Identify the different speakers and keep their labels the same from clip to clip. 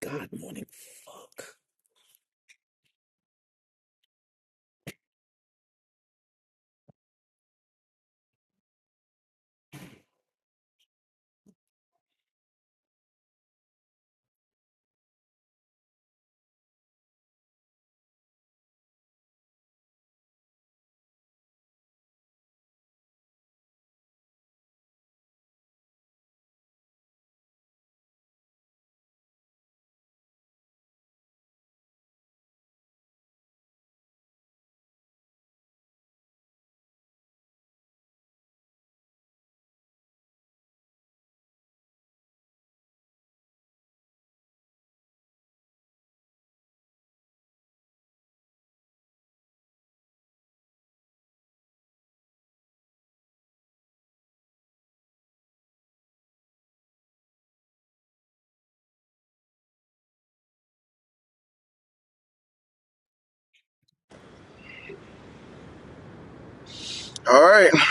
Speaker 1: God morning. Fuck.
Speaker 2: All right. It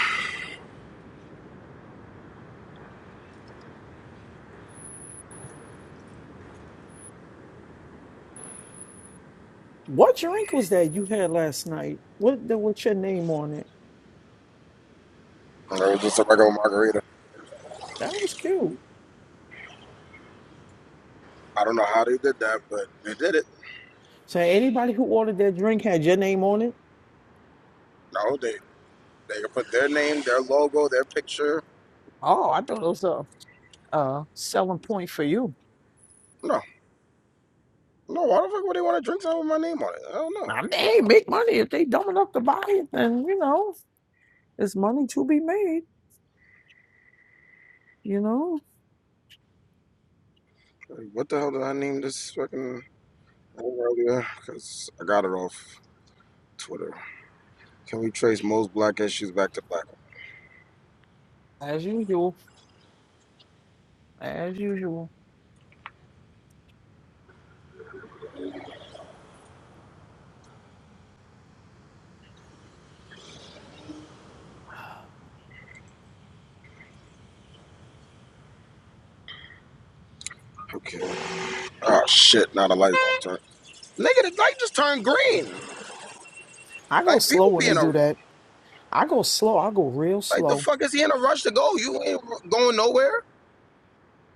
Speaker 1: What drink was that you had last night? What the, what's your name on it?
Speaker 2: was just a regular margarita.
Speaker 1: That was cute.
Speaker 2: I don't know how they did that, but they did it.
Speaker 1: So anybody who ordered that drink had your name on it?
Speaker 2: No, they they put their name, their logo, their picture.
Speaker 1: Oh, I thought it was a, a selling point for you.
Speaker 2: No, no. Why the fuck would they want to drink something with my name on it? I don't know.
Speaker 1: I mean, hey, make money if they dumb enough to buy it, then you know, it's money to be made, you know.
Speaker 2: Like, What the hell did I name this fucking thing earlier? Because I got it off Twitter. Can we trace most black issues back to black?
Speaker 1: As usual. As usual.
Speaker 2: Okay. Oh shit! Now the light will turn. Nigga, the light just turned green.
Speaker 1: I go
Speaker 2: Like people
Speaker 1: slow when
Speaker 2: be
Speaker 1: they
Speaker 2: in
Speaker 1: do
Speaker 2: a
Speaker 1: that. I go slow. I go real
Speaker 2: like the
Speaker 1: slow.
Speaker 2: fuck is he in a rush to go? You ain't going nowhere.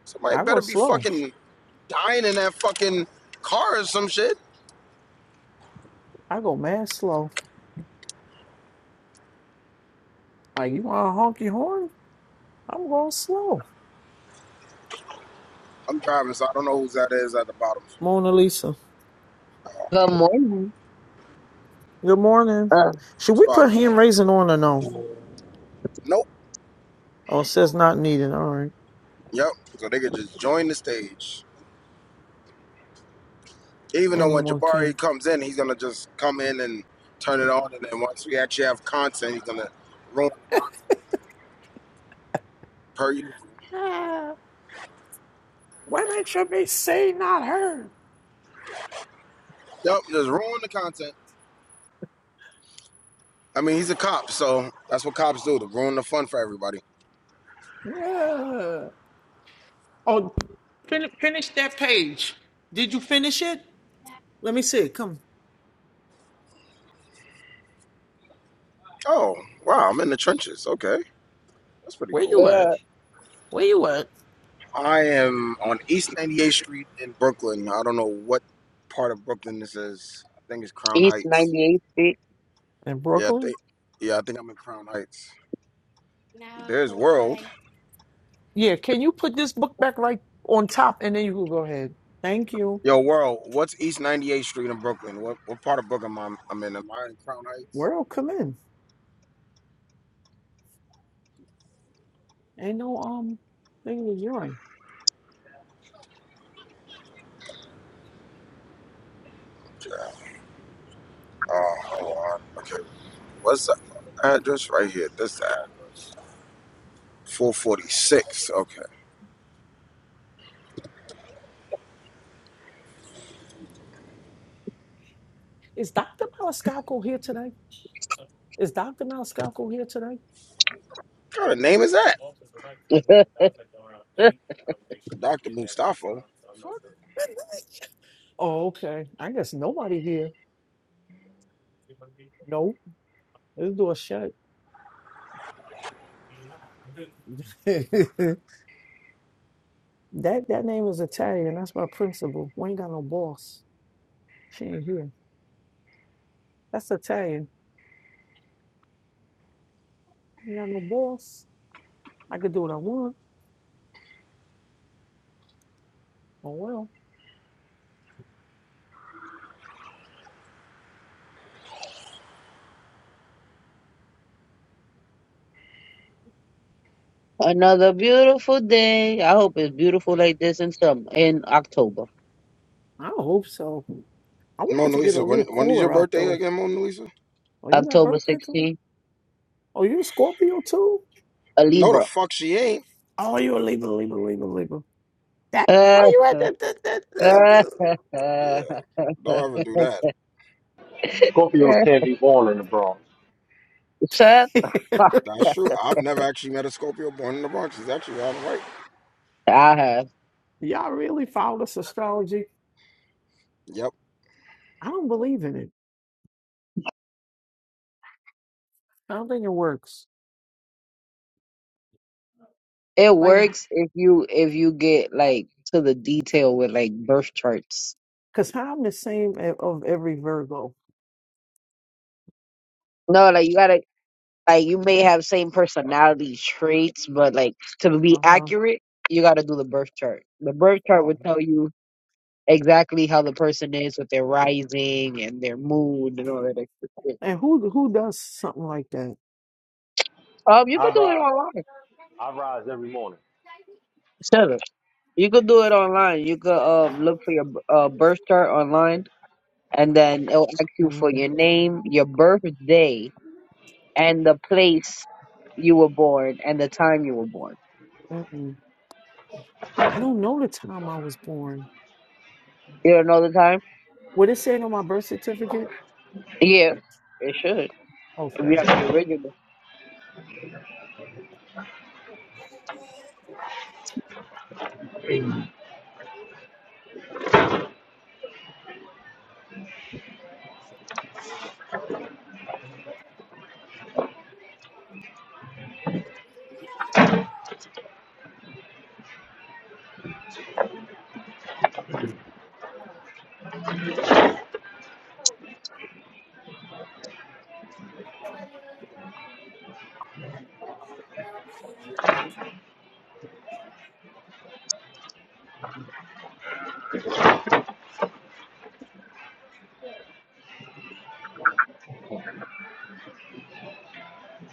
Speaker 2: Somebody
Speaker 1: I go
Speaker 2: better be
Speaker 1: slow.
Speaker 2: fucking. dying in that fucking car or some shit.
Speaker 1: I go mad slow. Like you want a honky horn? I'm going slow.
Speaker 2: I'm driving, so I don't know who that is at the bottom
Speaker 1: Mona Lisa.
Speaker 3: Good morning.
Speaker 1: Good morning.
Speaker 3: Uh,
Speaker 1: Should we
Speaker 2: spot.
Speaker 1: put
Speaker 2: But
Speaker 1: hand raising on or no?
Speaker 2: nope.
Speaker 1: Oh, it says not needed. All right.
Speaker 2: Yep. So they could just join the stage. Even though when
Speaker 1: Anyone
Speaker 2: Jabari
Speaker 1: can.
Speaker 2: comes in, he's gonna just come in and turn it on, and then once we actually have content, he's gonna ruin it per usual.
Speaker 1: Women should be seen, not heard.
Speaker 2: Yep, just ruin the content. I mean, he's a cop, so that's what cops do—to ruin the fun for everybody.
Speaker 1: Yeah. Oh, Fin- finish that page. Did you finish it? Let me see. Come.
Speaker 2: Oh, wow! I'm in the trenches. Okay, that's pretty
Speaker 1: where
Speaker 2: cool.
Speaker 1: you at?
Speaker 3: uh,
Speaker 1: Where you at?
Speaker 2: I am on East 98th Street in Brooklyn. I don't know what part of Brooklyn this is. I think it's Crown
Speaker 3: East
Speaker 2: Heights.
Speaker 3: 98 Street.
Speaker 1: In
Speaker 2: Yeah, I
Speaker 1: Brooklyn?
Speaker 2: think yeah, I think I'm in Crown Heights. There's World.
Speaker 1: Yeah, can you put this book back right on top and then you can go ahead. Thank you.
Speaker 2: Yo, World, what's East 98th Street in Brooklyn? What what part of Brooklyn am I I'm in? Am I in Crown Heights?
Speaker 1: World, come in. Ain't no um thing is urine.
Speaker 2: Yeah. Oh, hold on. Okay. What's the address right here? This the address. 446. Okay. What
Speaker 1: Is Dr. Malascalco here today? Is Dr. Malascalco here today?
Speaker 2: kind of name is that? Dr. Mustafo. Fuck.
Speaker 1: Oh, okay. I guess nobody here. Nope. This door shut. That that name is Italian. That's my principal. We ain't got no boss. She ain't here. That's Italian. Ain't got no boss. I could do what I want. Oh well.
Speaker 3: Another beautiful day. I hope it's beautiful like this in summer, in October.
Speaker 1: I hope so. I wanted
Speaker 2: Mona
Speaker 1: to get
Speaker 2: Lisa,
Speaker 1: a
Speaker 2: when,
Speaker 1: little
Speaker 2: when is your
Speaker 1: cooler out
Speaker 2: birthday
Speaker 1: though.
Speaker 2: again, Mona Lisa?
Speaker 1: Oh, you got
Speaker 3: October
Speaker 1: birthday coming?
Speaker 3: 16th,
Speaker 1: Oh, you a Scorpio too?
Speaker 3: a
Speaker 2: No, the
Speaker 3: Libra.
Speaker 2: fuck she ain't.
Speaker 1: Oh, you a Libra, Libra, Libra, Libra. That
Speaker 3: Uh,
Speaker 1: why you at that? that, that, that. that-
Speaker 2: Yeah, don't ever do that.
Speaker 4: Scorpios can't be born in the Bronx.
Speaker 3: Shut the fuck
Speaker 2: That's true. I've never actually met a Scorpio born in the Bronx. He's actually out of right.
Speaker 3: I have.
Speaker 1: Y'all really follow this astrology?
Speaker 2: Yep.
Speaker 1: I don't believe in it. I don't think it works.
Speaker 3: It
Speaker 1: Like,
Speaker 3: works if you if you get like to the detail with like birth charts.
Speaker 1: cause I'm the same a- of every Virgo.
Speaker 3: No, like you gotta Like you may have same personality traits, but like to be
Speaker 1: Uh
Speaker 3: accurate, you got to do the birth chart. The birth
Speaker 1: huh.
Speaker 3: chart would tell you exactly how the person is with their rising and their mood and all that extra shit.
Speaker 1: And who who does something like that?
Speaker 3: Um, you could
Speaker 4: I
Speaker 3: do it
Speaker 4: rise,
Speaker 3: online.
Speaker 4: I rise every morning.
Speaker 3: Shut up. You could do it online. You could um look for your uh, birth chart online, and then it'll ask you for
Speaker 1: Mm,
Speaker 3: your name, your birthday, and the place you were born and the time you were born.
Speaker 1: mm-mm. I don't know the time I was born.
Speaker 3: You don't know the time?
Speaker 1: What it said on my birth certificate?
Speaker 3: Yeah, it should. If
Speaker 1: Okay,
Speaker 3: you have the original.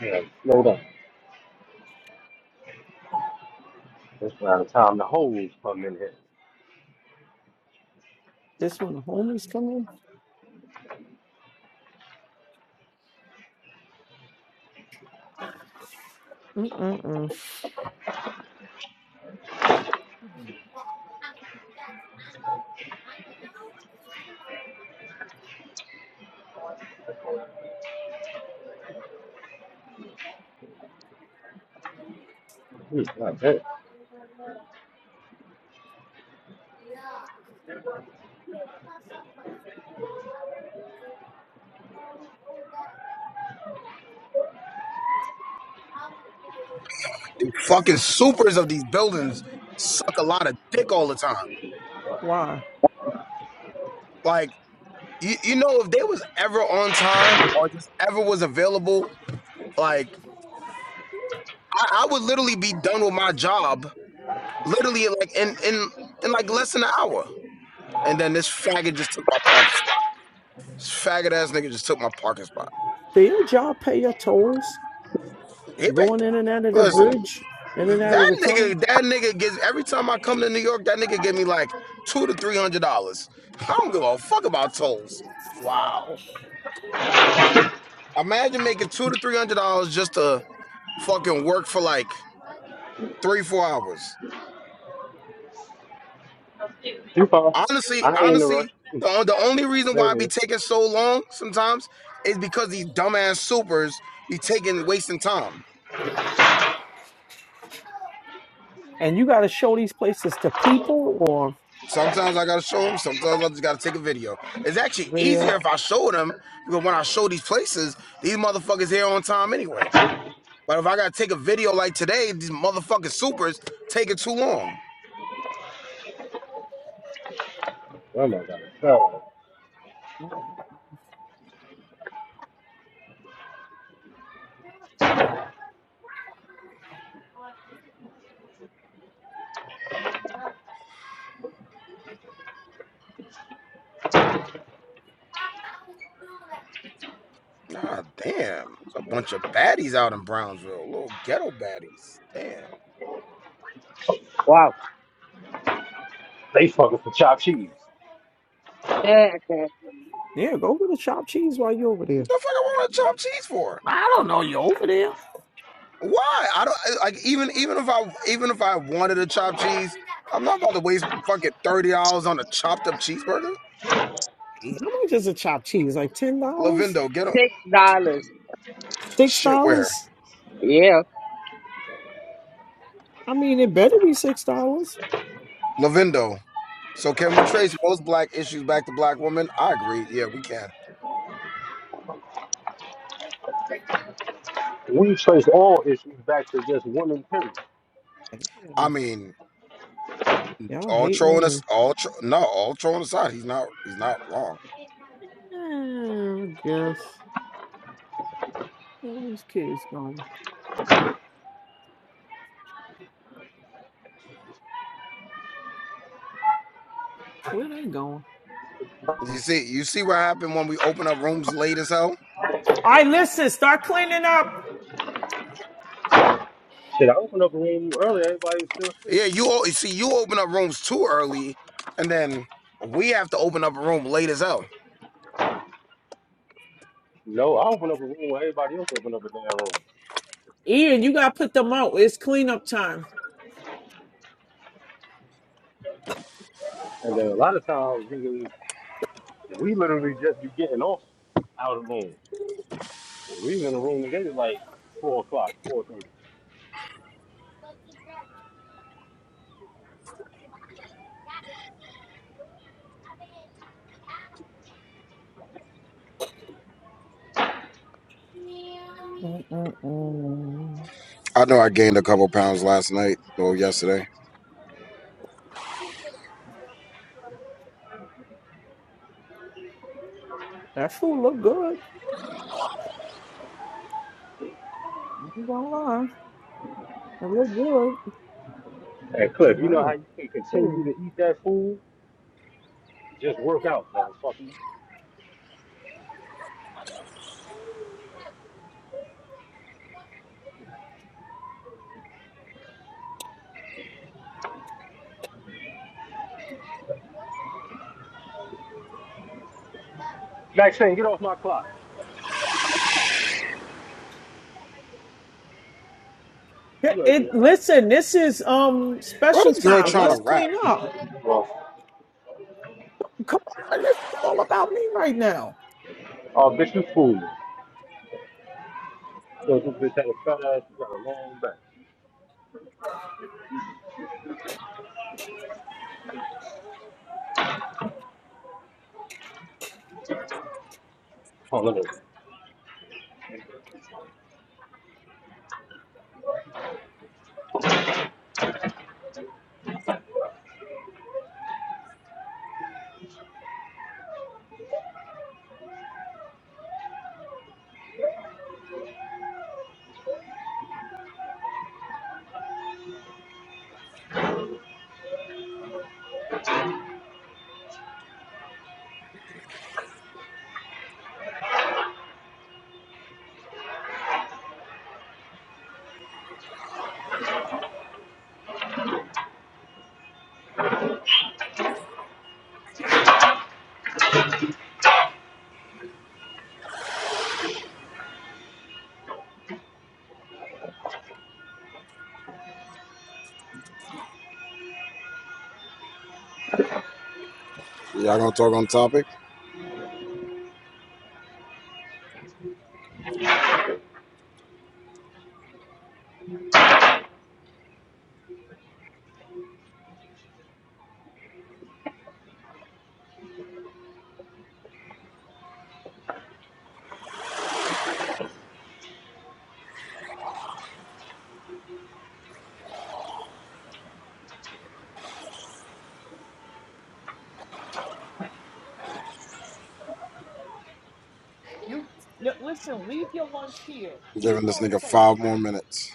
Speaker 4: Yeah, slow down. That's around the time the hoes come in here.
Speaker 1: this when the homeless come in. Mm-mm-mm.
Speaker 4: Hmm, not bad.
Speaker 2: The fucking supers of these buildings suck a lot of dick all the time.
Speaker 1: Why?
Speaker 2: Like, you, you know, if they was ever on time or just ever was available, like, I, I would literally be done with my job, literally, like, in, in, in like less than an hour. And then this faggot just took my parking spot. This faggot ass nigga just took my parking spot.
Speaker 1: Do your job pay your tolls
Speaker 2: He,
Speaker 1: going
Speaker 2: ba-
Speaker 1: in and out of the
Speaker 2: listen,
Speaker 1: bridge, in and out of
Speaker 2: That
Speaker 1: the tunnel?
Speaker 2: nigga, that nigga gives every time I come to New York, that nigga give me like two to three hundred dollars. I don't give a fuck about tolls.
Speaker 1: Wow!
Speaker 2: Imagine making two to three hundred dollars just to fucking work for like three, four hours.
Speaker 4: Too far.
Speaker 2: Honestly,
Speaker 4: I ain't in a
Speaker 2: honestly,
Speaker 4: rush. Hmm,
Speaker 2: the, the only reason why
Speaker 4: Same
Speaker 2: I be
Speaker 4: here.
Speaker 2: taking so long sometimes is because these dumbass supers be taking wasting time.
Speaker 1: And you got to show these places to people or
Speaker 2: Sometimes I gotta show them. Sometimes I just gotta take a video. It's actually
Speaker 1: video.
Speaker 2: easier if I show them because when I show these places, these motherfuckers here on time anyway. But if I gotta take a video like today, these motherfucking supers taking too long.
Speaker 4: Oh my god. Oh,
Speaker 2: Nah, damn. It's a bunch of baddies out in Brownsville. Little ghetto baddies. Damn.
Speaker 3: Wow.
Speaker 4: they fucking for chopped cheese.
Speaker 3: Yeah, man.
Speaker 1: Yeah, go get a chopped cheese while you're over
Speaker 2: What
Speaker 1: there.
Speaker 2: the fuck I want to chop cheese for?
Speaker 1: I don't know you're over there.
Speaker 2: Why? I don't I- like even even if I even if I wanted a chopped cheese, I'm not about to waste fucking thirty dollars on a chopped up cheeseburger.
Speaker 1: How much is a chopped cheese? Like ten dollars?
Speaker 2: Lavindo, get a
Speaker 3: Six dollars.
Speaker 1: Six
Speaker 2: shit where?
Speaker 1: dollars?
Speaker 3: Yeah.
Speaker 1: I mean, it better be six dollars.
Speaker 2: Lavindo. So can we trace most black issues back to black women? I agree. Yeah, we can.
Speaker 4: We trace all issues back to just women, period.
Speaker 2: I
Speaker 1: Damn,
Speaker 2: mean,
Speaker 1: Y'all
Speaker 2: all
Speaker 1: hate
Speaker 2: trolling us
Speaker 1: women.
Speaker 2: all tro- no all trolling aside he's not he's not wrong
Speaker 1: Yeah, I guess. Where these kids going? Where they going?
Speaker 2: you see you see what happened when we open up rooms late as hell
Speaker 1: All right, listen, start cleaning up.
Speaker 4: Shit, I opened up a room earlier, everybody was still free.
Speaker 2: yeah you al- you see you open up rooms too early and then we have to open up a room late as hell
Speaker 4: No, I opened up a room where everybody else opened up a damn room.
Speaker 1: Ian, you gotta put them out. It's cleanup time.
Speaker 4: And then a lot of times, niggas, we literally just be getting off out of room. We was in the room together like four o'clock, four thirty.
Speaker 1: Mm-mm-mm.
Speaker 2: i know i gained a couple pounds last night or yesterday
Speaker 1: That food look good. I ain't gonna lie. It look good.
Speaker 4: And
Speaker 1: You
Speaker 4: Cliff, you know how
Speaker 1: know.
Speaker 4: you can continue to
Speaker 1: mm.
Speaker 4: eat that food? Just work out, motherfucker. Maxine, get off my clock. You
Speaker 1: It,
Speaker 4: know
Speaker 1: it
Speaker 4: that.
Speaker 1: listen, this is um
Speaker 2: why
Speaker 1: special
Speaker 2: this girl
Speaker 1: time.
Speaker 4: Don't you
Speaker 2: trying to
Speaker 1: Let's
Speaker 4: know?
Speaker 2: rap
Speaker 1: clean up.
Speaker 4: Well,
Speaker 1: Come on, this is all about me right now.
Speaker 4: oh, bitch, you fool me. So this bitch had a fat ass, you got a long back. Oh, look
Speaker 2: y'all gonna talk on topic
Speaker 1: You no, listen, leave your lunch here. Leave
Speaker 2: giving
Speaker 1: it
Speaker 2: this
Speaker 1: on
Speaker 2: nigga
Speaker 1: the
Speaker 2: five
Speaker 1: table.
Speaker 2: more minutes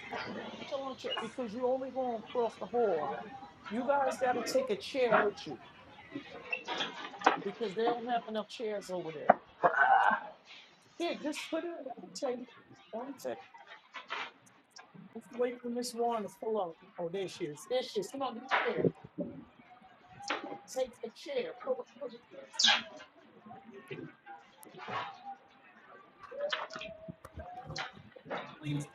Speaker 1: Put your lunch here, because you're only going across the hall. You guys got to take a chair with you because they don't have enough chairs over there. Here, just put it on the table. On the table. Let's wait for Miss Warren to pull up. Oh, there she is. There she is. Come on, get a chair. Take a chair. Pull up, pull- Please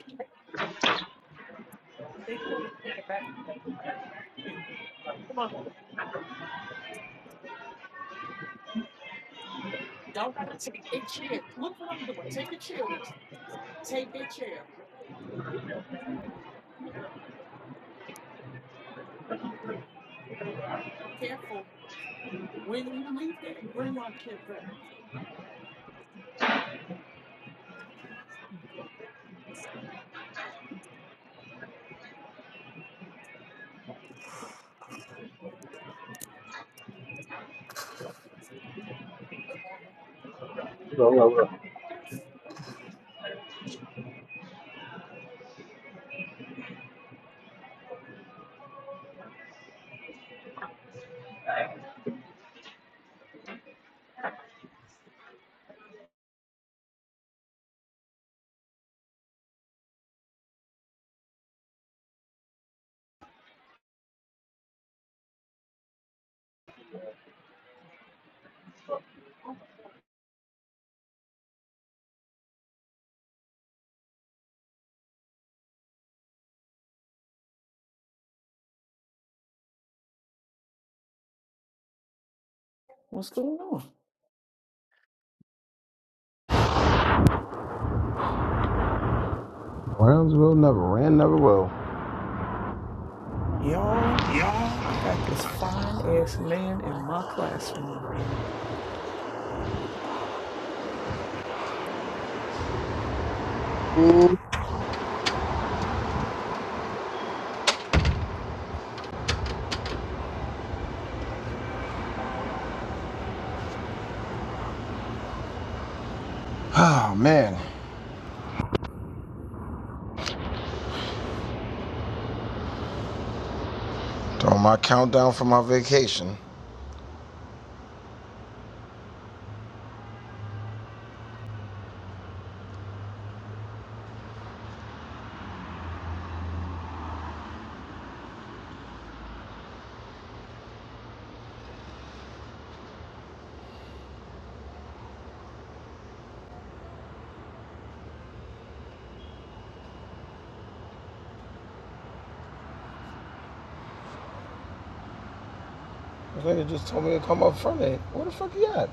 Speaker 1: make sure they take it back. Right, here. Come on. Y'all got to take a chair. Look what I'm doing. Take a chair. Take a chair. careful. When you leave there, bring our children.
Speaker 4: at her.
Speaker 1: What's going on?
Speaker 2: Brownsville never ran, never will.
Speaker 1: Y'all, I got this fine ass man in my classroom.
Speaker 3: Ooh,
Speaker 2: Oh man, doing my countdown for my vacation. This nigga just told me to come up Friday. Where the fuck you at?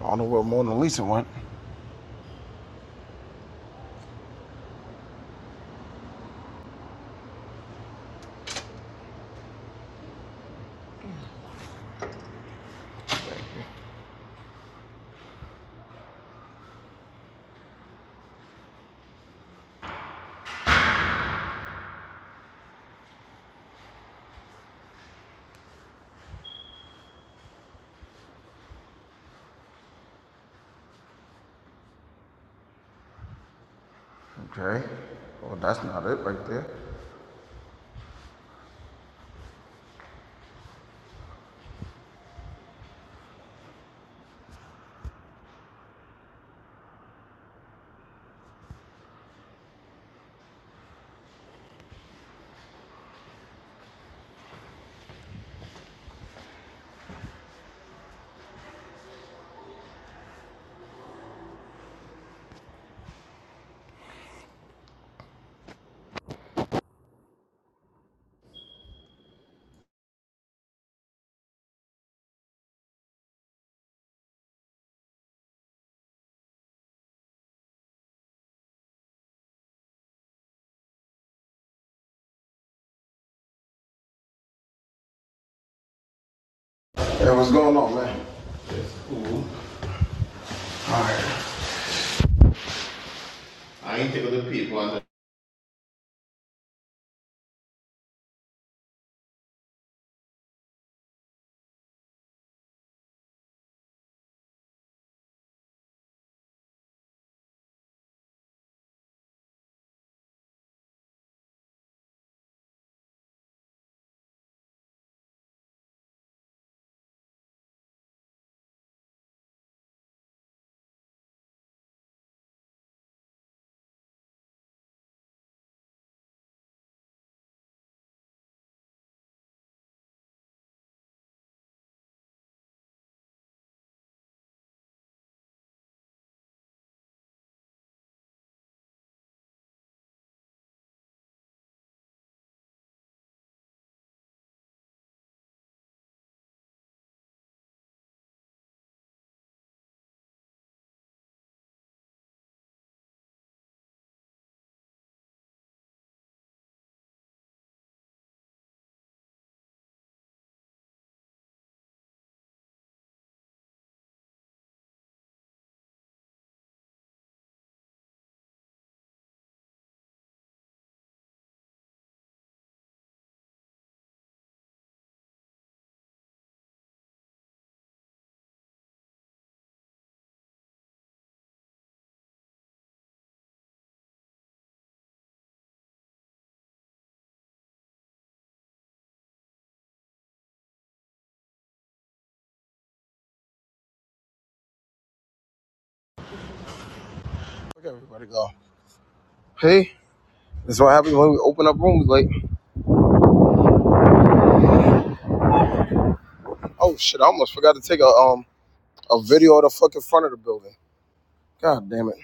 Speaker 2: I don't know where Mona Lisa went. Okay. Well, that's not it right there. Hey, what's going on, man? Look everybody go. Hey, this is what happens when we open up rooms late. Oh shit! I almost forgot to take a um a video of the fucking front of the building. God damn it.